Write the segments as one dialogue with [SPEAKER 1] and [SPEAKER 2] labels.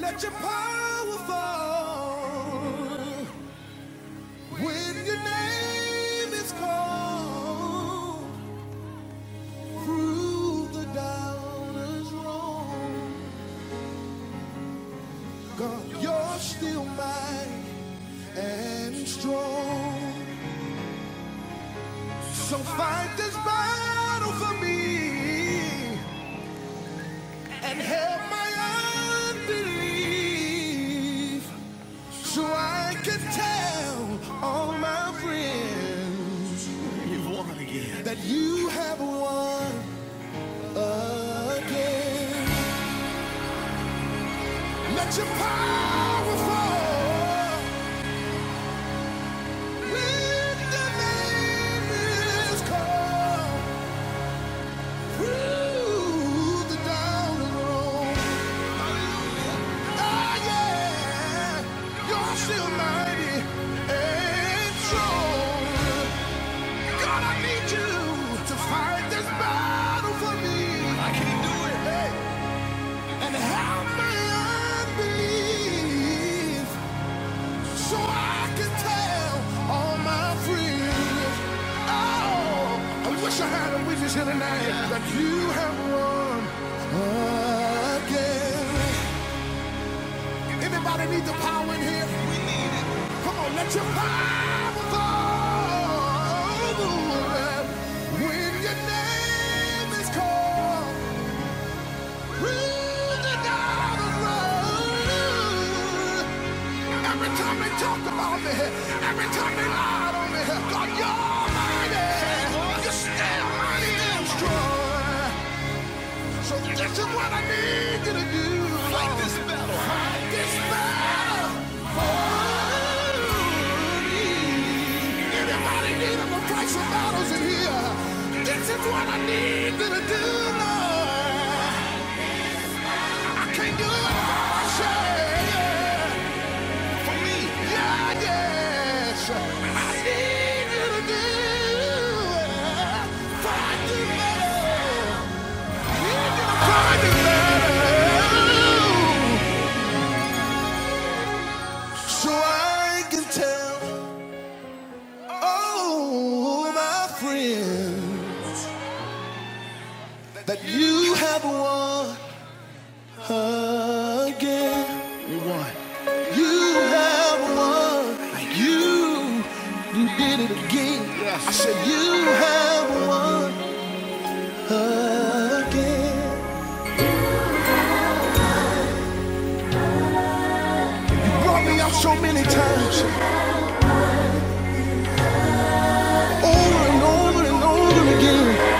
[SPEAKER 1] Let your power fall when your name is called. Prove the doubters wrong. God, you're still mighty and strong. So fight this battle for me and help my unbelief so I can tell all my friends. that you have won again. Let your power fall when the name is called through the down and road. Oh yeah, you're still mighty and strong. God, I need you to fight this battle for me. I can't do it. Hey. and help my unbelief so I can tell all my friends. Oh, I wish I had a witness here tonight that you have won again. Anybody need the power in here? Come on, let your power fall when your name is called. Every time they talk about me, every time they lied on me, God, you're mighty. You're still mighty and strong. So this is what I need you to do. Fight this battle. Fight this battle for me. Anybody need a fight some battles in here? This is what I need you to do, Lord. Can you say yeah, for me? Yeah, yes. I need you to do it. Find the better. Need you to find the better. So I can tell all my friends that you have won. again. You won. You have won. You you did it again. Yes. I said you have won again. You brought me out so many times, over and over and over again.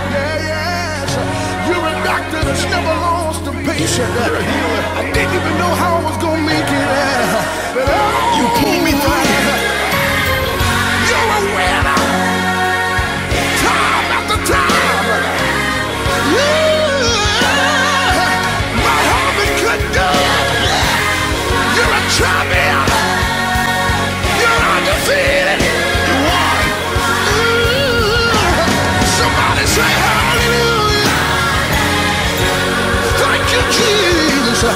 [SPEAKER 1] Yeah, yes. You're a doctor that's never lost a patient. You're a healer. I didn't even know how I was gonna make it, uh, but uh, you pulled me through. You're a winner. time after time. Yeah, my husband could do it. You're a champion. You're undefeated. You won. Yeah. Somebody say hallelujah. Thank you, Jesus.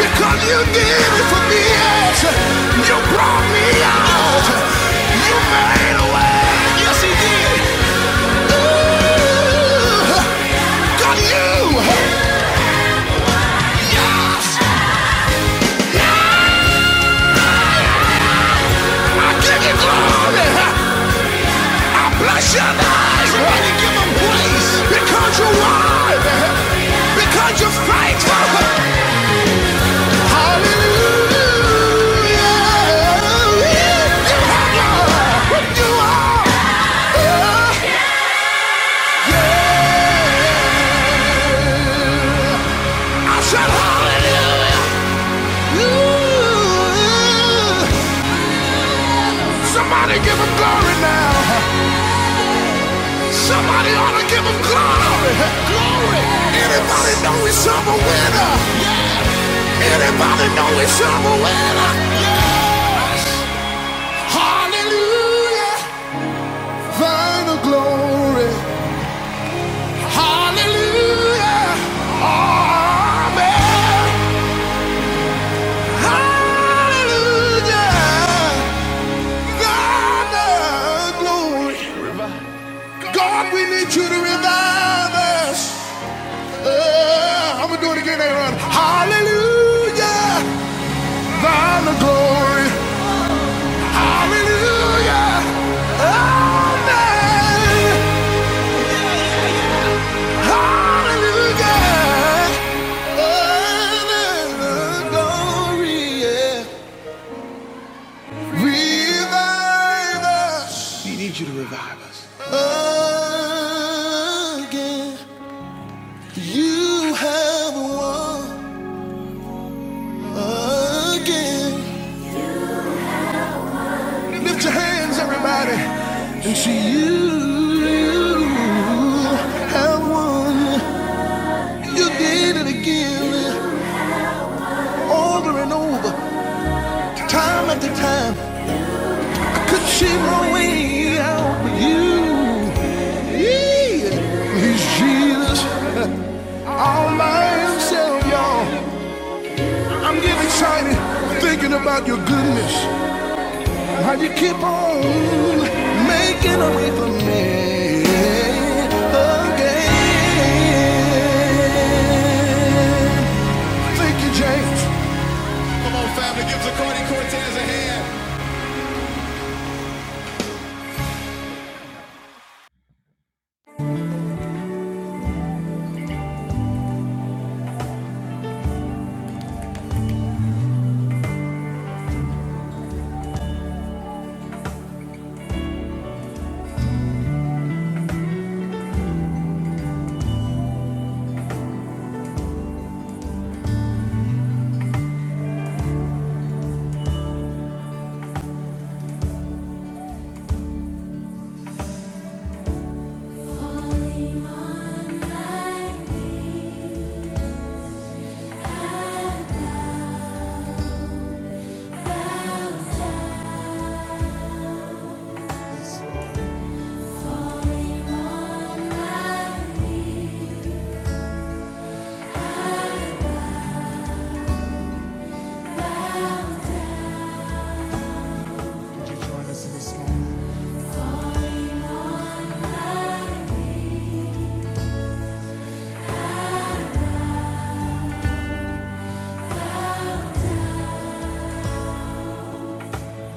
[SPEAKER 1] Because you did it for me. Yes. You brought me out. You made a way. Yes, he did. Yeah. Got you. Yes. I give you glory. I bless your name. Somebody give him praise. Because you're wise. Because you're faithful. Hallelujah. You have what you are. Yeah. I said hallelujah. Somebody give him glory now. Somebody ought to give him glory. Glory. Anybody know he's a winner? Anybody know he's a winner? Yes. Hallelujah. Final glory. Hallelujah. Amen. Hallelujah. Final glory. God, we need you to revive us. Uh, I'm gonna do it again later on. Hallelujah, thine the glory. Hallelujah, amen. Hallelujah, thine the glory. Yeah. Revive us. We need you to revive us again. You have won again. Lift your hands, everybody, and see you. You have won. You did it again, over and over, time after time. I could see my way out, but you, yeah, he's Jesus, all by himself, y'all. I'm getting excited thinking about your goodness. How you keep on making a way for me again? Thank you, James. Come on, family, give Zacardi Cortez a hand.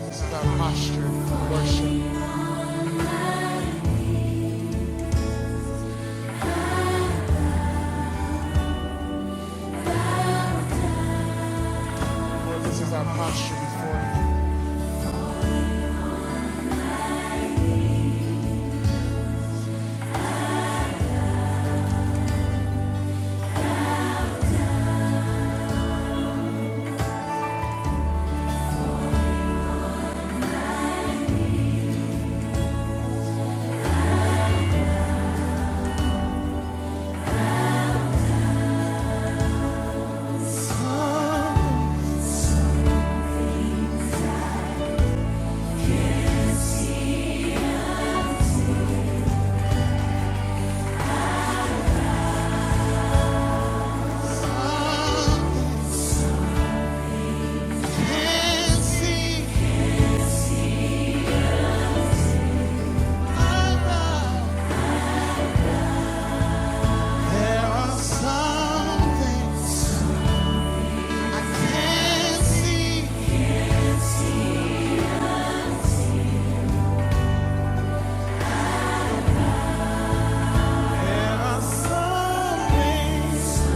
[SPEAKER 1] This is our posture of worship. Lord, this is our posture before you. Oh, There are some things, some things.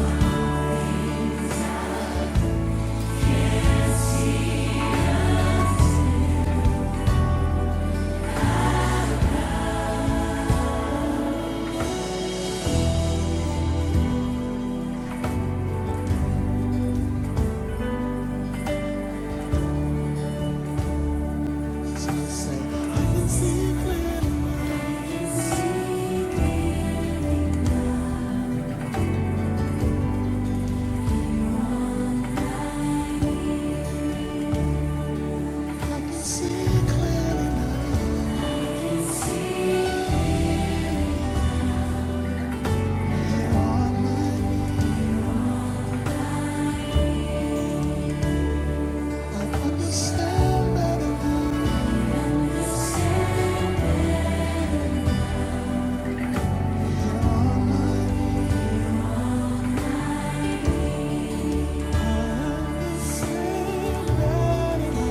[SPEAKER 1] See clearly, Lord, mind, understand better Sweet melody.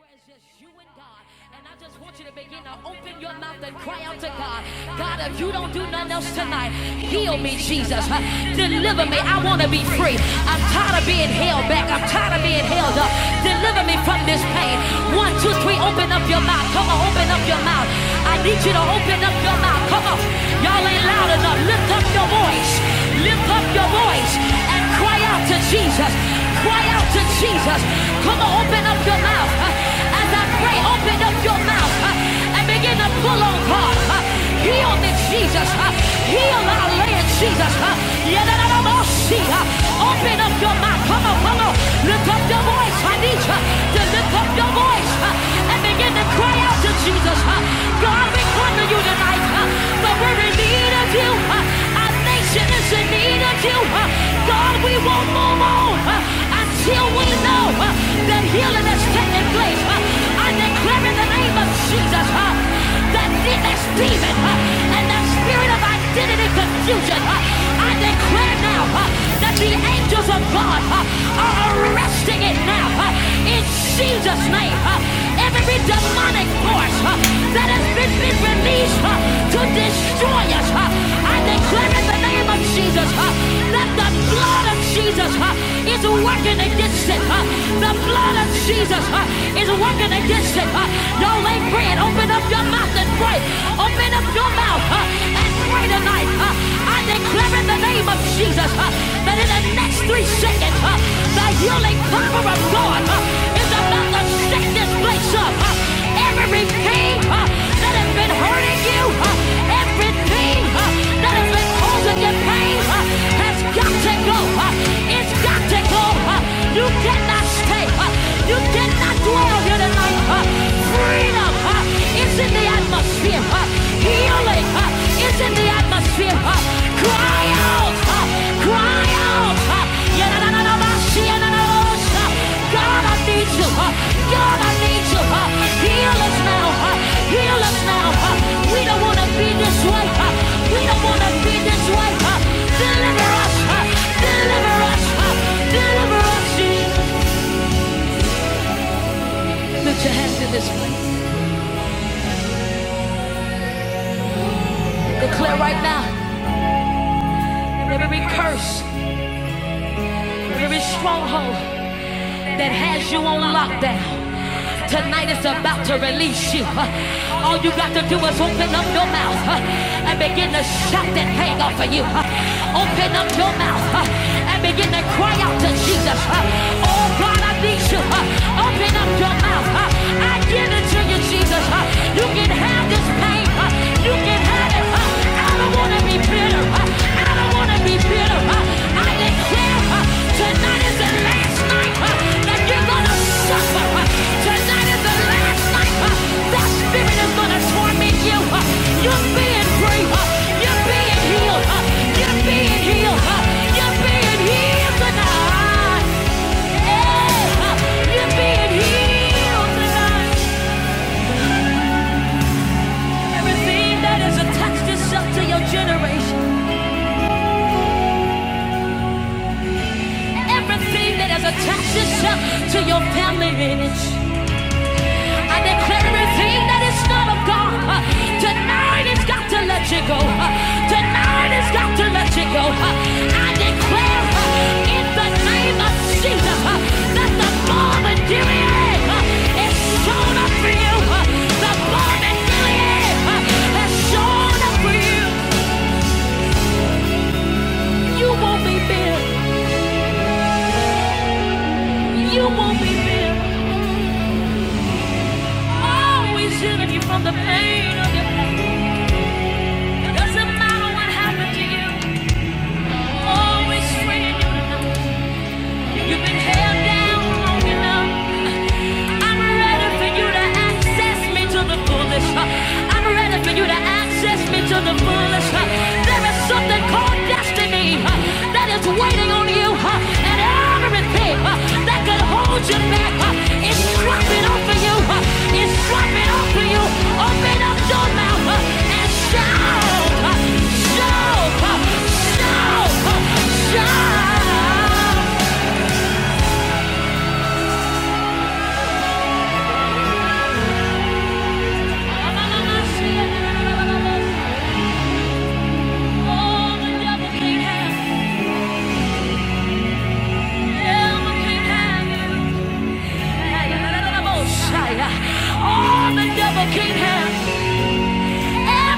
[SPEAKER 1] where it's just you and God. And I just want you to begin to open your mouth and cry out to God. God, if you don't do nothing else tonight, heal me, Jesus. Deliver me. I want to be free. I'm tired of being held back. I'm tired of being held up. Deliver me from this pain. One, two, three. Open up your mouth. Come on, open up your mouth. I need you to open up your mouth. Come on. Y'all ain't loud enough. Lift up your voice. Lift up your voice and cry out to Jesus. Cry out to Jesus. Come on, open up your mouth mouth. uh, As I pray, open up your mouth uh, and begin to pull on God. Heal this Jesus. uh, Heal our land, Jesus. Yadadadamosia. Open up your mouth. Come on, come on. Lift up your voice. I need you to lift up your voice uh, and begin to cry out to Jesus. uh, God, we come to you tonight, uh, but we're in need of you. uh, Our nation is in need of you. uh, God, we won't move on until we know uh, that healing healing that's taking place. huh? I declare in the name of Jesus huh, that this demon and that spirit of identity confusion, huh, I declare now huh, that the angels of God huh, are arresting it now. huh, In Jesus' name, huh. every demonic force huh, that has been released enemies uh, to destroy us. uh. I declare in the name of Jesus uh, that the blood of Jesus uh, is working against it. uh. The blood of Jesus uh, is working against it. uh. Y'all ain't praying. Open up your mouth and pray. Open up your mouth uh, and pray tonight. uh. I declare in the name of Jesus uh, that in the next three seconds, uh, the healing power of God uh, is about to shake this place up. Uh, every pain uh, that has been hurting you, uh, everything uh, that has been causing you pain uh, has got to go. Uh, it's got to go. Uh, you cannot stay. Uh, you cannot dwell here tonight. Uh, freedom uh, is in the atmosphere. Uh, healing. Uh, it's in the atmosphere. Uh, Cry out, uh, cry out. uh, Yanananamasi, yananamos, uh, God, I need you. uh, God, I need you. uh, Heal us now. uh, Heal us now. uh, We don't want to be this way. uh, We don't want to be this way. uh, Deliver us. uh, Deliver us. uh, Deliver us. Lift your hands in this place. Declare right now every curse, every stronghold that has you on lockdown. Tonight is about to release you. All you got to do is open up your mouth huh, and begin to shout that hang off of you. huh. Open up your mouth huh, and begin to cry out to Jesus. huh. Oh God, I need you. huh. Open up your mouth. huh. I give it to you, Jesus. Jesus. Uh, You can have this pain. Uh, You can have it. Uh, I don't want to be bitter. Uh, I don't want to be bitter. Uh, I declare uh, tonight is the last night uh, that you're going to suffer. Uh, Tonight is the last night uh, that spirit is going to torment you. Uh, You're being free. Uh, You're being healed. Uh, You're being healed. Uh, You're being healed tonight. Yeah, uh, You're being healed tonight. Everything that has attached itself to your generation, everything that has attached itself to your family lineage, I declare everything that is not of God, uh, tonight it's got to let you go. uh, tonight it's got to let you go. uh, I declare uh, in the name of Jesus uh, that the bomb in Gilead uh, is shown up for you. uh, the bomb in Gilead uh, has shown up for you. You won't be bitter. You won't be there. Always shielding you from the pain of your pain. It doesn't matter what happened to you. Always freeing you. to know. You've been held down long enough. I'm ready for you to access me to the fullest. I'm ready for you to access me to the fullest. There is something called destiny that is waiting on you, and everything that could hold you back is dropping off you. Is dropping off you. Open up your mouth and shout, shout, shout, shout. All the devil can't have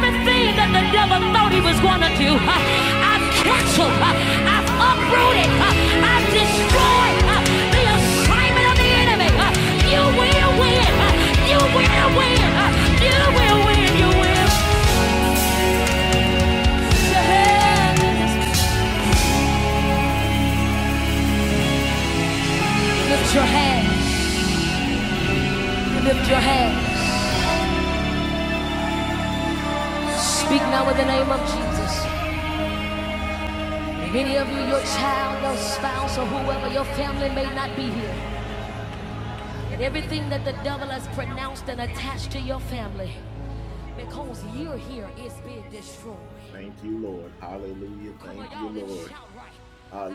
[SPEAKER 1] everything that the devil thought he was gonna do. huh, I've canceled, huh, I've uprooted, huh, I've destroyed huh, the assignment of the enemy. huh. You will win, huh, you will win, huh, you will win, you will. Lift your hands, lift your hands. lift your hands. Speak now in the name of Jesus. Many of you, your child, your spouse, or whoever, your family may not be here. And everything that the devil has pronounced and attached to your family, because you're here, it's being destroyed. Come on, right.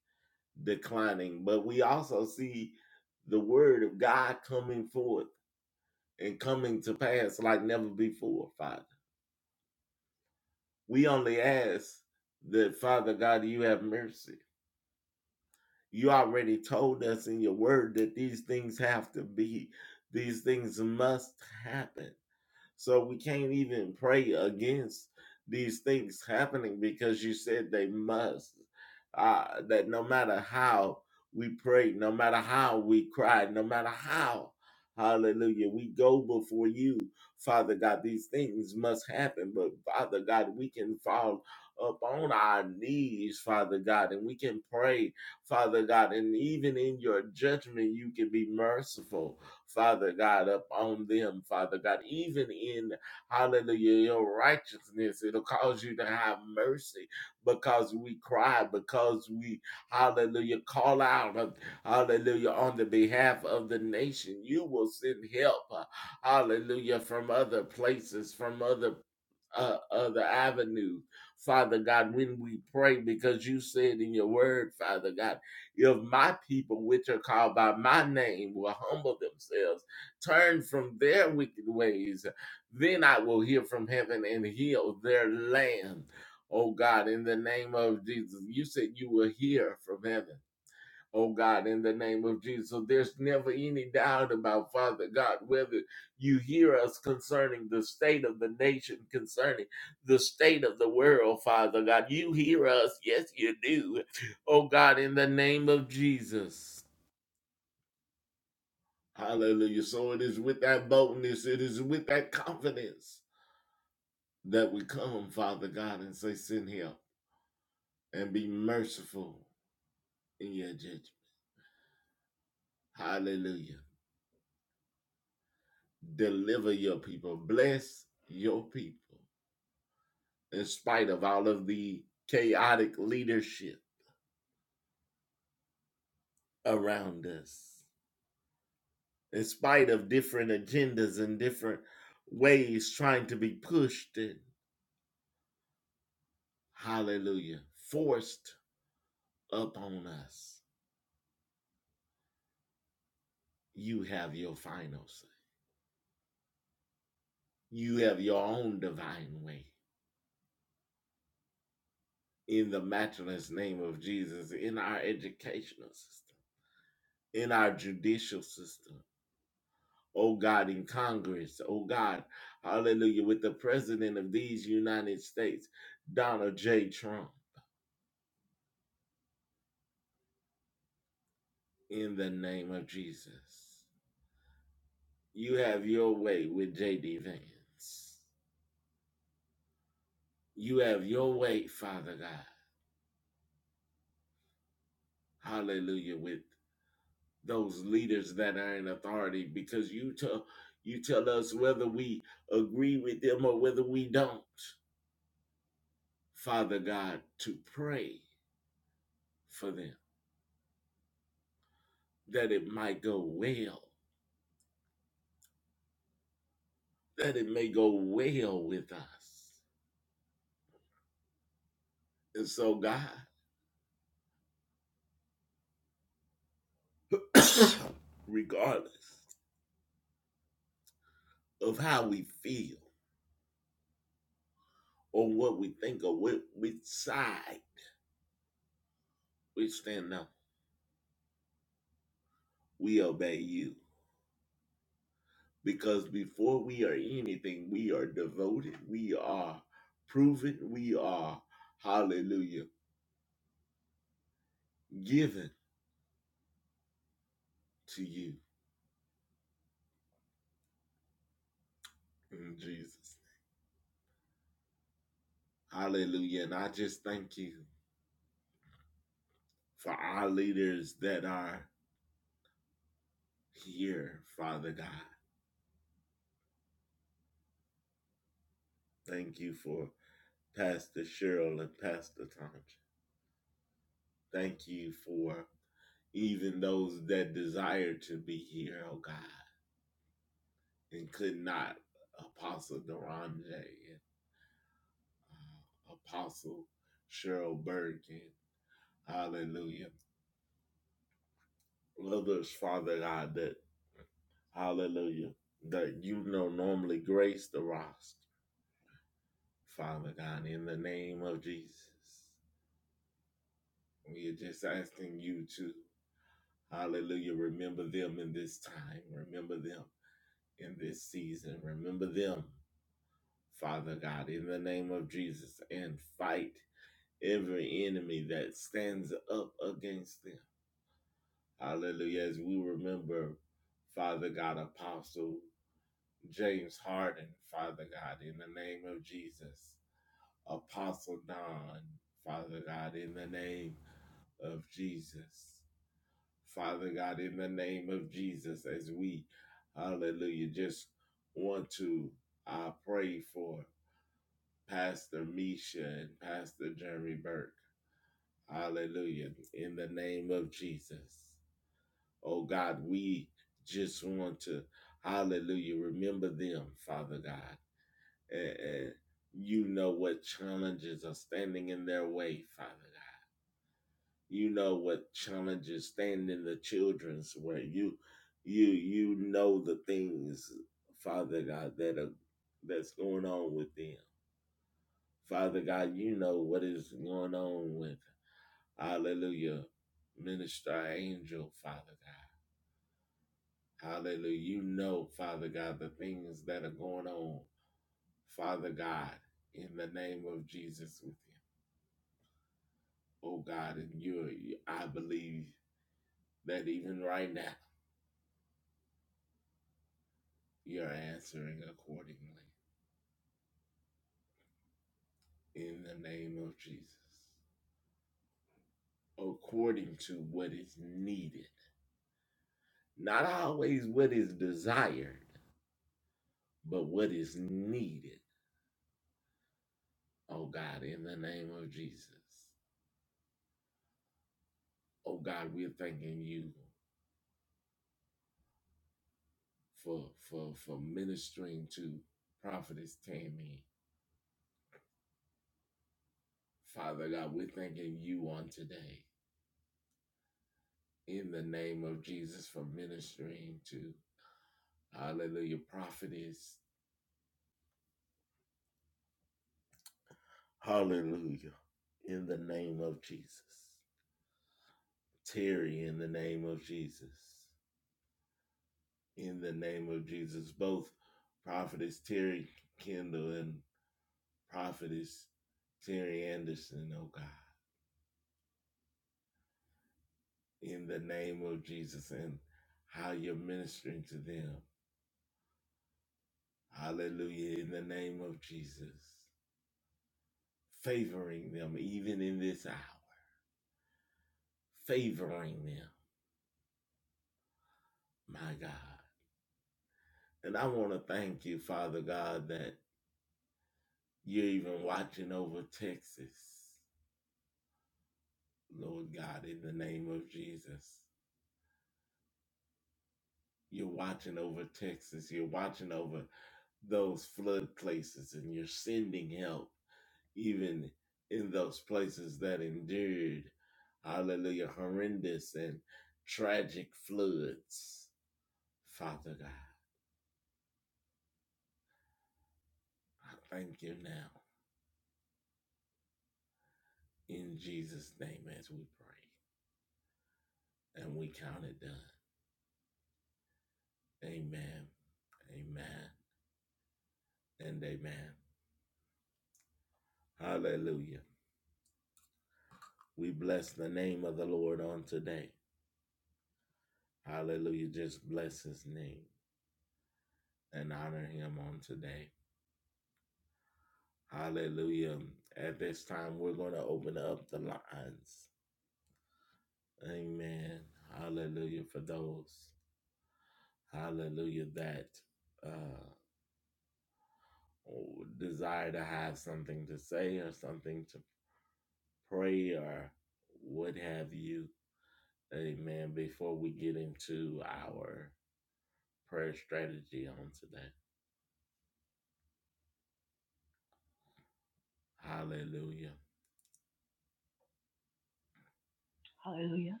[SPEAKER 2] Hallelujah.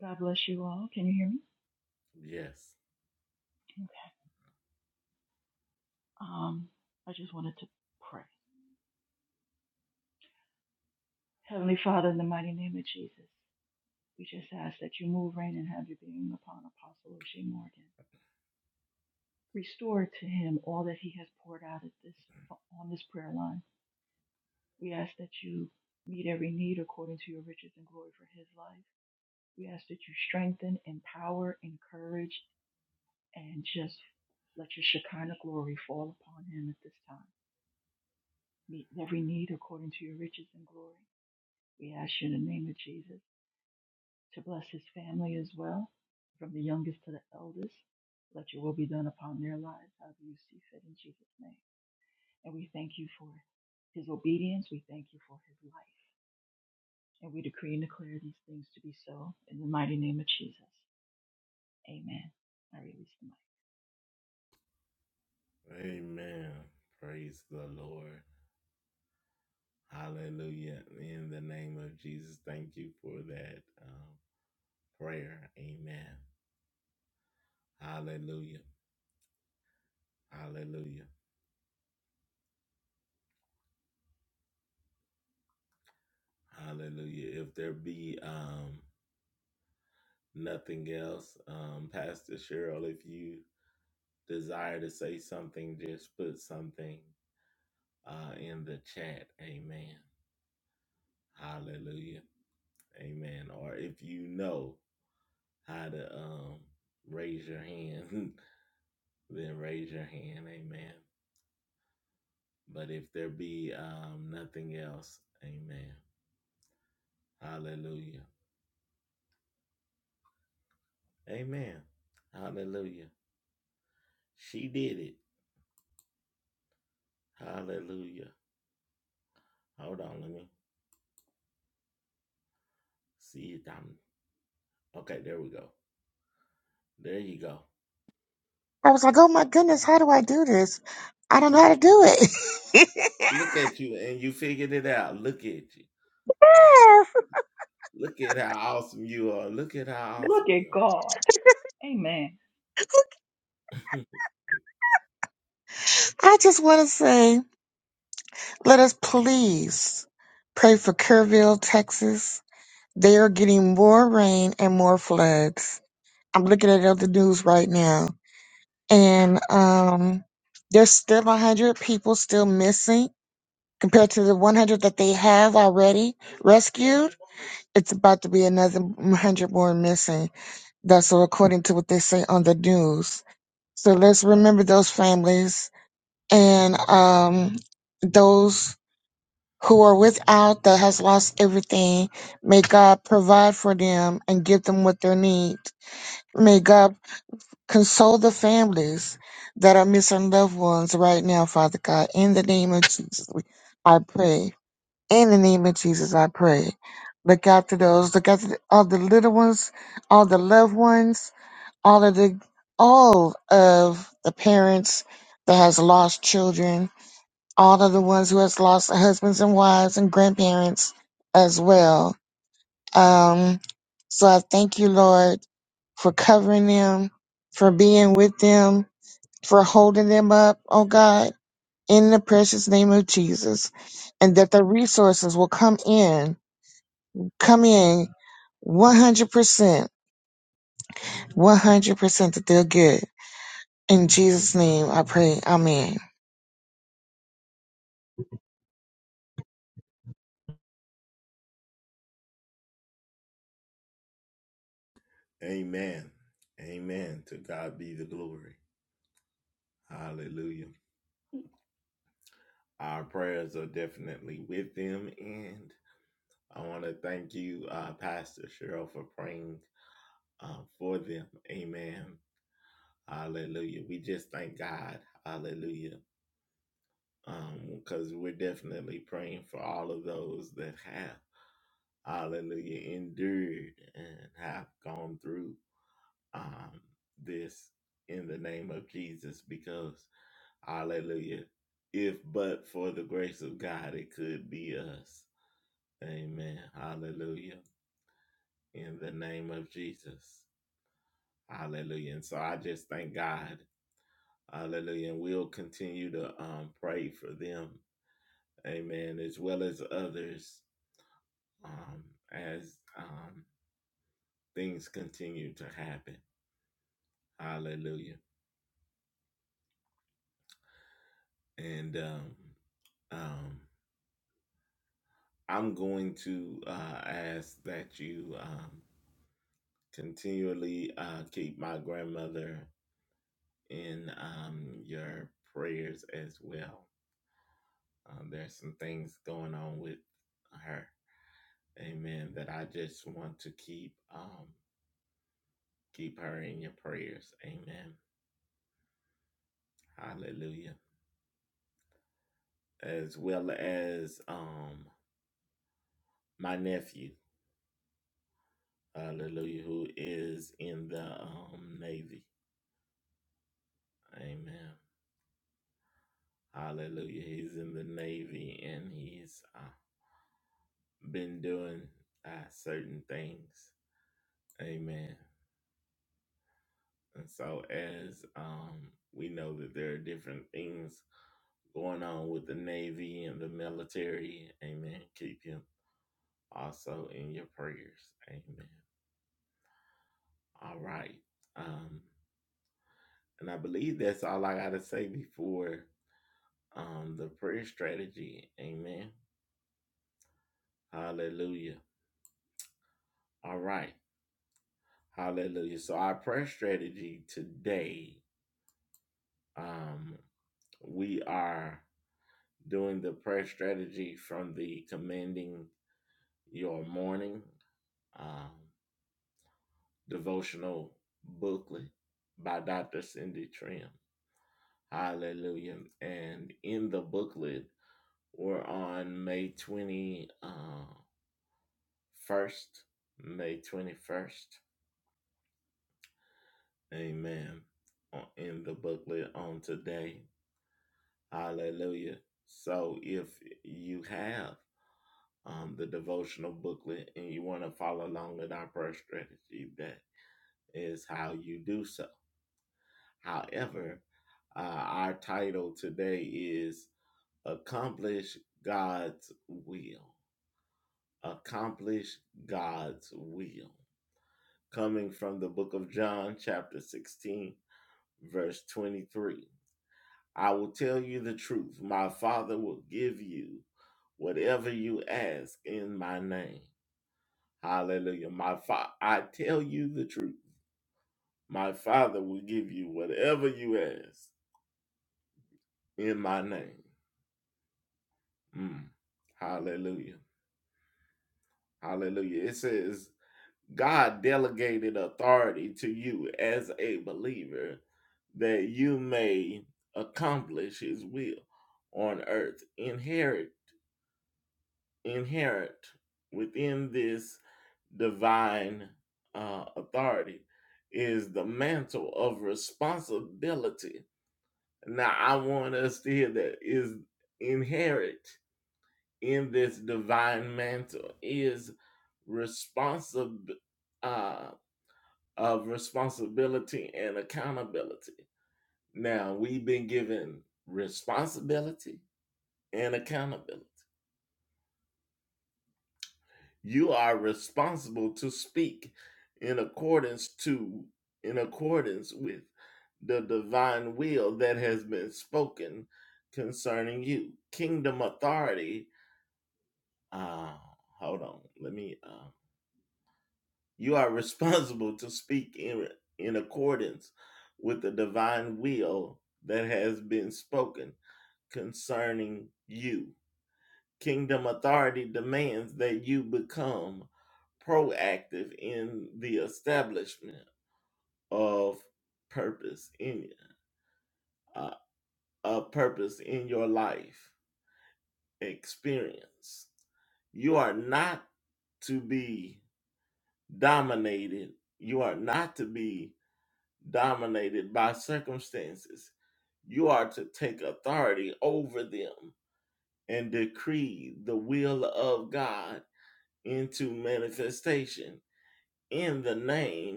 [SPEAKER 2] God bless you all. Can you hear me? Okay. Um, I just wanted to pray. Heavenly Father, in the mighty name of Jesus, we just ask that you move, reign, and have your being upon Apostle O'Shea Morgan. Restore to him all that he has poured out at this on this prayer line. We ask that you meet every need according to your riches and glory for his life. We ask that you strengthen, empower, encourage, and just let your Shekinah glory fall upon him at this time. meet every need according to your riches and glory. We ask you in the name of Jesus to bless his family as well, from the youngest to the eldest. Let your will be done upon their lives, however you see fit in Jesus' name. And we thank you for his obedience. We thank you for his life. And we decree and declare these things to be so in the mighty name of Jesus. Amen. I release the mic.
[SPEAKER 3] I was like, oh my goodness, how do I do this? I don't know how to do it.
[SPEAKER 2] Look at God. Amen.
[SPEAKER 3] I just want to say, let us please pray for Kerrville, Texas. They are getting more rain and more floods. I'm looking at it on the news right now, and um, there's still 100 people still missing compared to the 100 that they have already rescued. It's about to be another 100 more missing. That's so according to what they say on the news. So let's remember those families and um, those who are without that has lost everything. May God provide for them and give them what they need. May God console the families that are missing loved ones right now, Father God. In the name of Jesus, we- I pray. In the name of Jesus, I pray. Look after those. Look after all the little ones, all the loved ones all of the all of the parents that has lost children, all of the ones who has lost husbands and wives and grandparents as well. Um, so I thank you, Lord, for covering them, for being with them, for holding them up, oh God, in the precious name of Jesus, and that the resources will come in, come in 100%, 100% that they're good. In Jesus' name I pray. Amen.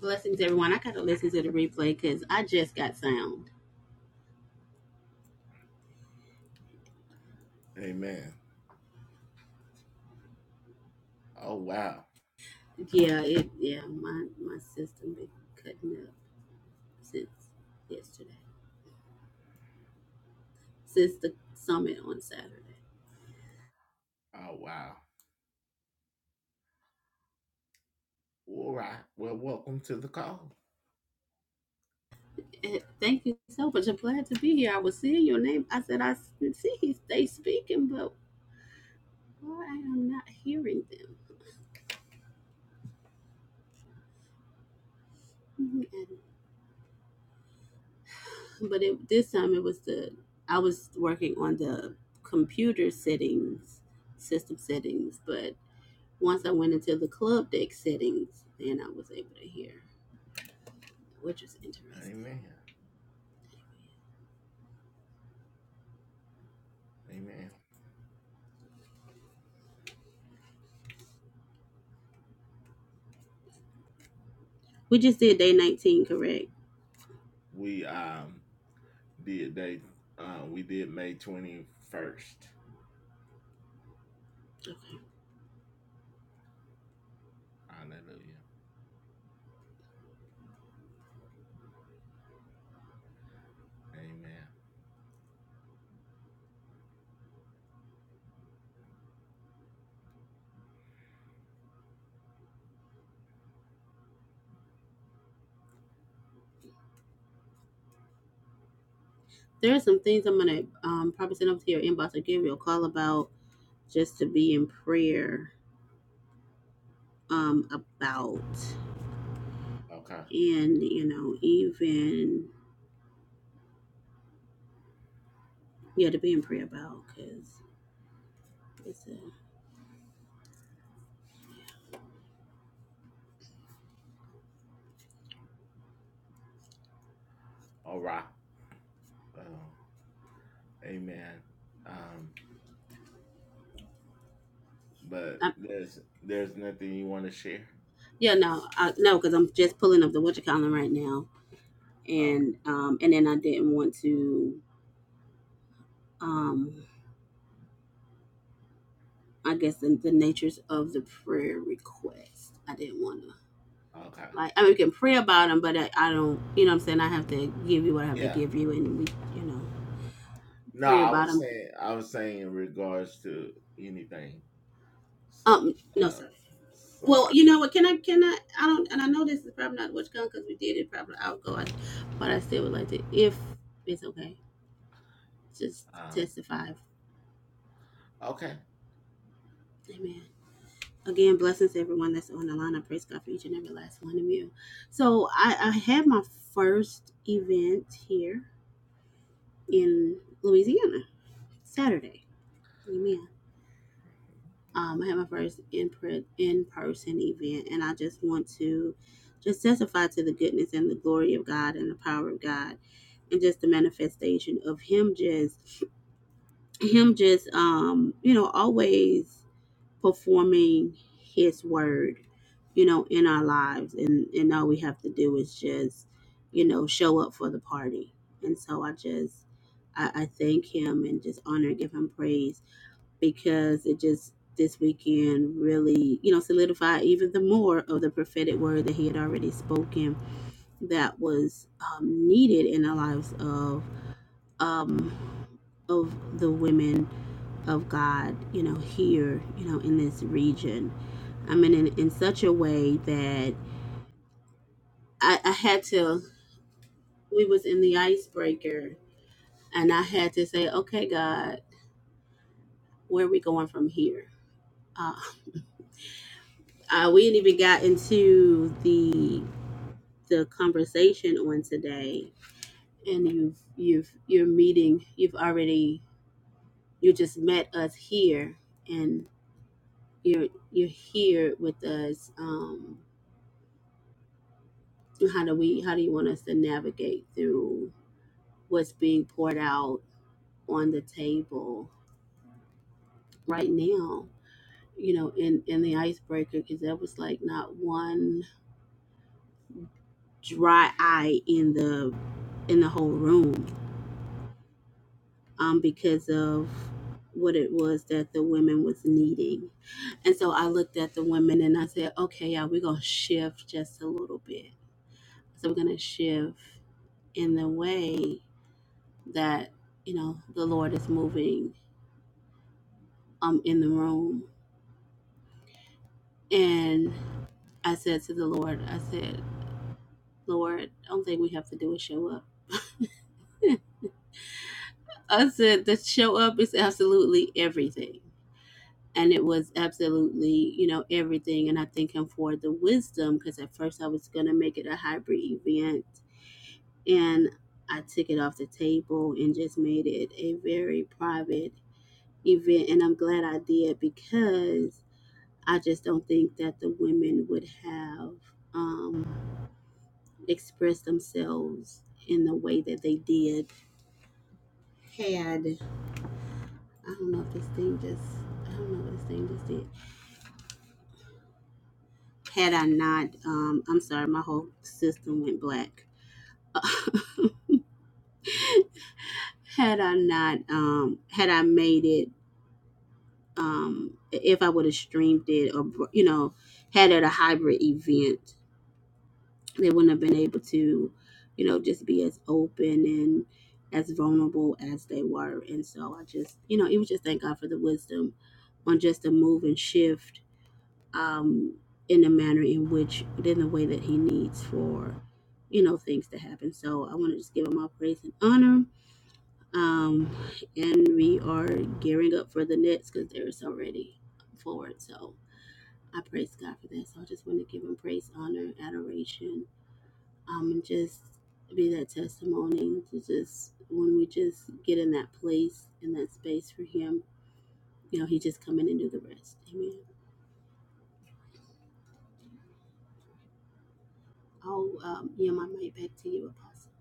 [SPEAKER 4] Blessings, everyone. I gotta listen to the replay because I just got sound. Yeah, it. Yeah, my my system been cutting up since yesterday, since the summit on Saturday. Eh, Thank you so much. I'm glad to be here. I was seeing your name. I said I s- see they speaking, but why I am not hearing them? Mhm. And- But it, this time it was the I was working on the computer settings, system settings, Once I went into the club deck settings, then I was able to hear, which is interesting. We just did day 19, correct? Okay. There are some things I'm going to um, probably send over to your inbox or give you a call about just to be in prayer um, about. And, you know, even, yeah, to be in prayer about because it's a. I, yeah, no, I, no, because I'm just pulling up the what you calling right now, and um, and then I didn't want to um I guess the, the natures of the prayer request. I didn't want to like. I mean, we can pray about them, but I, I don't. You know what I'm saying? I have to give you what I have to give you, and we, you know, pray about them. Um, no, sorry. Well, you know what? Can I? Can I? I don't. And I know this is probably not what's going because we did it probably outgo, I- but I still would like to, if it's okay, just testify. Amen. Again, blessings to everyone that's on the line. I praise God for each and every last one of you. So I, I had my first event here in Louisiana Saturday. Amen. Um, I had my first in per- in person event, and I just want to just testify to the goodness and the glory of God and the power of God, and just the manifestation of Him just Him just um you know always performing his word you know in our lives and and all we have to do is just you know show up for the party and so i just i, I thank him and just honor and give him praise because it just this weekend really you know solidified even the more of the prophetic word that he had already spoken that was um, needed in the lives of um of the women of God, you know, here, you know, in this region. I mean, in, in such a way that I, I had to, we was in the icebreaker and I had to say, okay, God, where are we going from here? Uh, uh, we didn't even got into the the conversation on today and you've you've you're meeting you've already you just met us here and you're you're here with us um So how do we how do you want us to navigate through what's being poured out on the table right now you know in in the icebreaker because there was like not one dry eye in the in the whole room um because of what it was that the women was needing and so i looked at the women and i said okay yeah we're gonna shift just a little bit so we're gonna shift in the way that you know the lord is moving um in the room and I said to the Lord, I said, Lord, the only thing we have to do is show up. I said the show up is absolutely everything. And it was absolutely, you know, everything. And I thank him for the wisdom because at first I was gonna make it a hybrid event and I took it off the table and just made it a very private event. And I'm glad I did because I just don't think that the women would have um, express themselves in the way that they did had I don't know if this thing just I don't know what this thing just did. Had I not um I'm sorry, my whole system went black. had I not um had I made it um if I would have streamed it or you know had it a hybrid event they wouldn't have been able to, you know, just be as open and as vulnerable as they were. And so I just, you know, it was just thank God for the wisdom on just the move and shift um, in the manner in which, in the way that He needs for, you know, things to happen. So I want to just give Him all praise and honor. Um, and we are gearing up for the next because there is already forward. So I praise God for that. So I just want to give Him praise, honor, adoration um, and just be that testimony to just when we just get in that place in that space for him, you know, he just come in and do the rest. Amen. I'll um, yeah, my mic back to you, Apostle.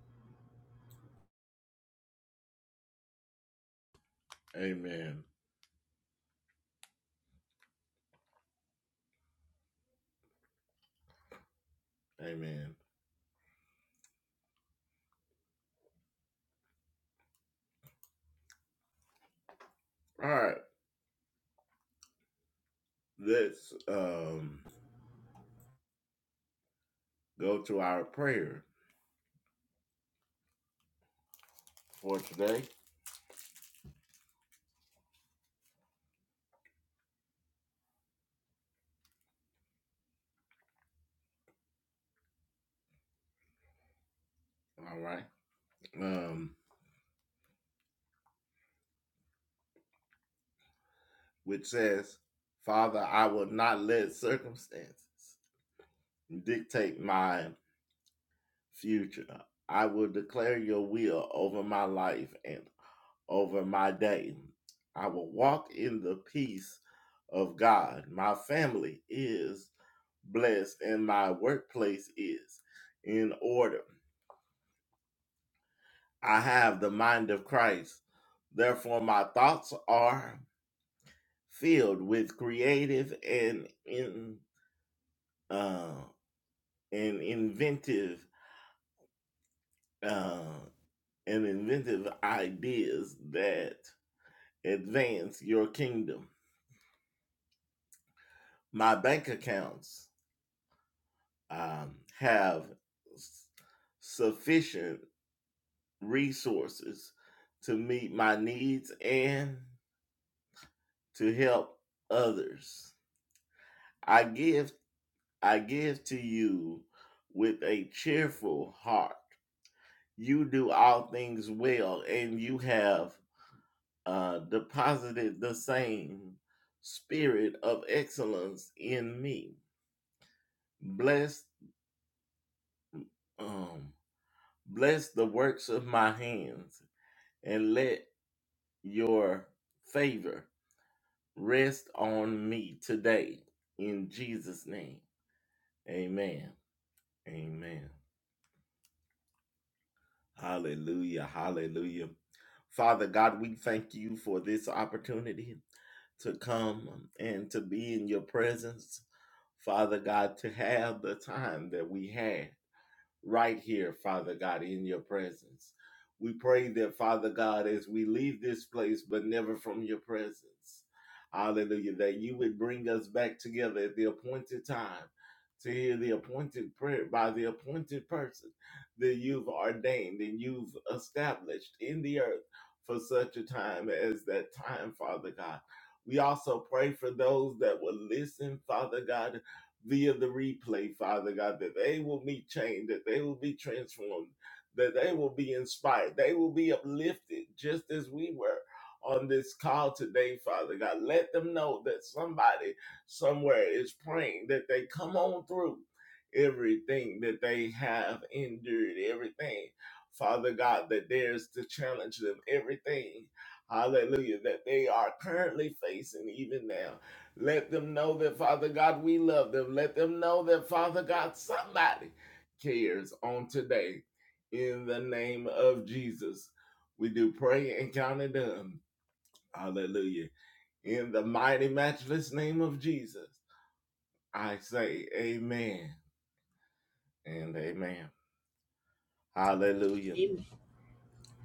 [SPEAKER 4] Amen.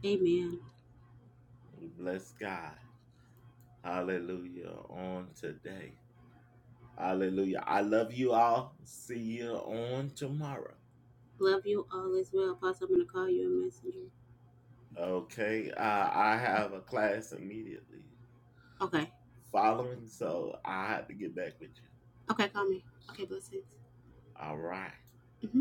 [SPEAKER 4] Amen. Love you all as well, Apostle. I'm gonna call you a messenger. Okay. Okay, call me. Okay, blessings. Mm-hmm.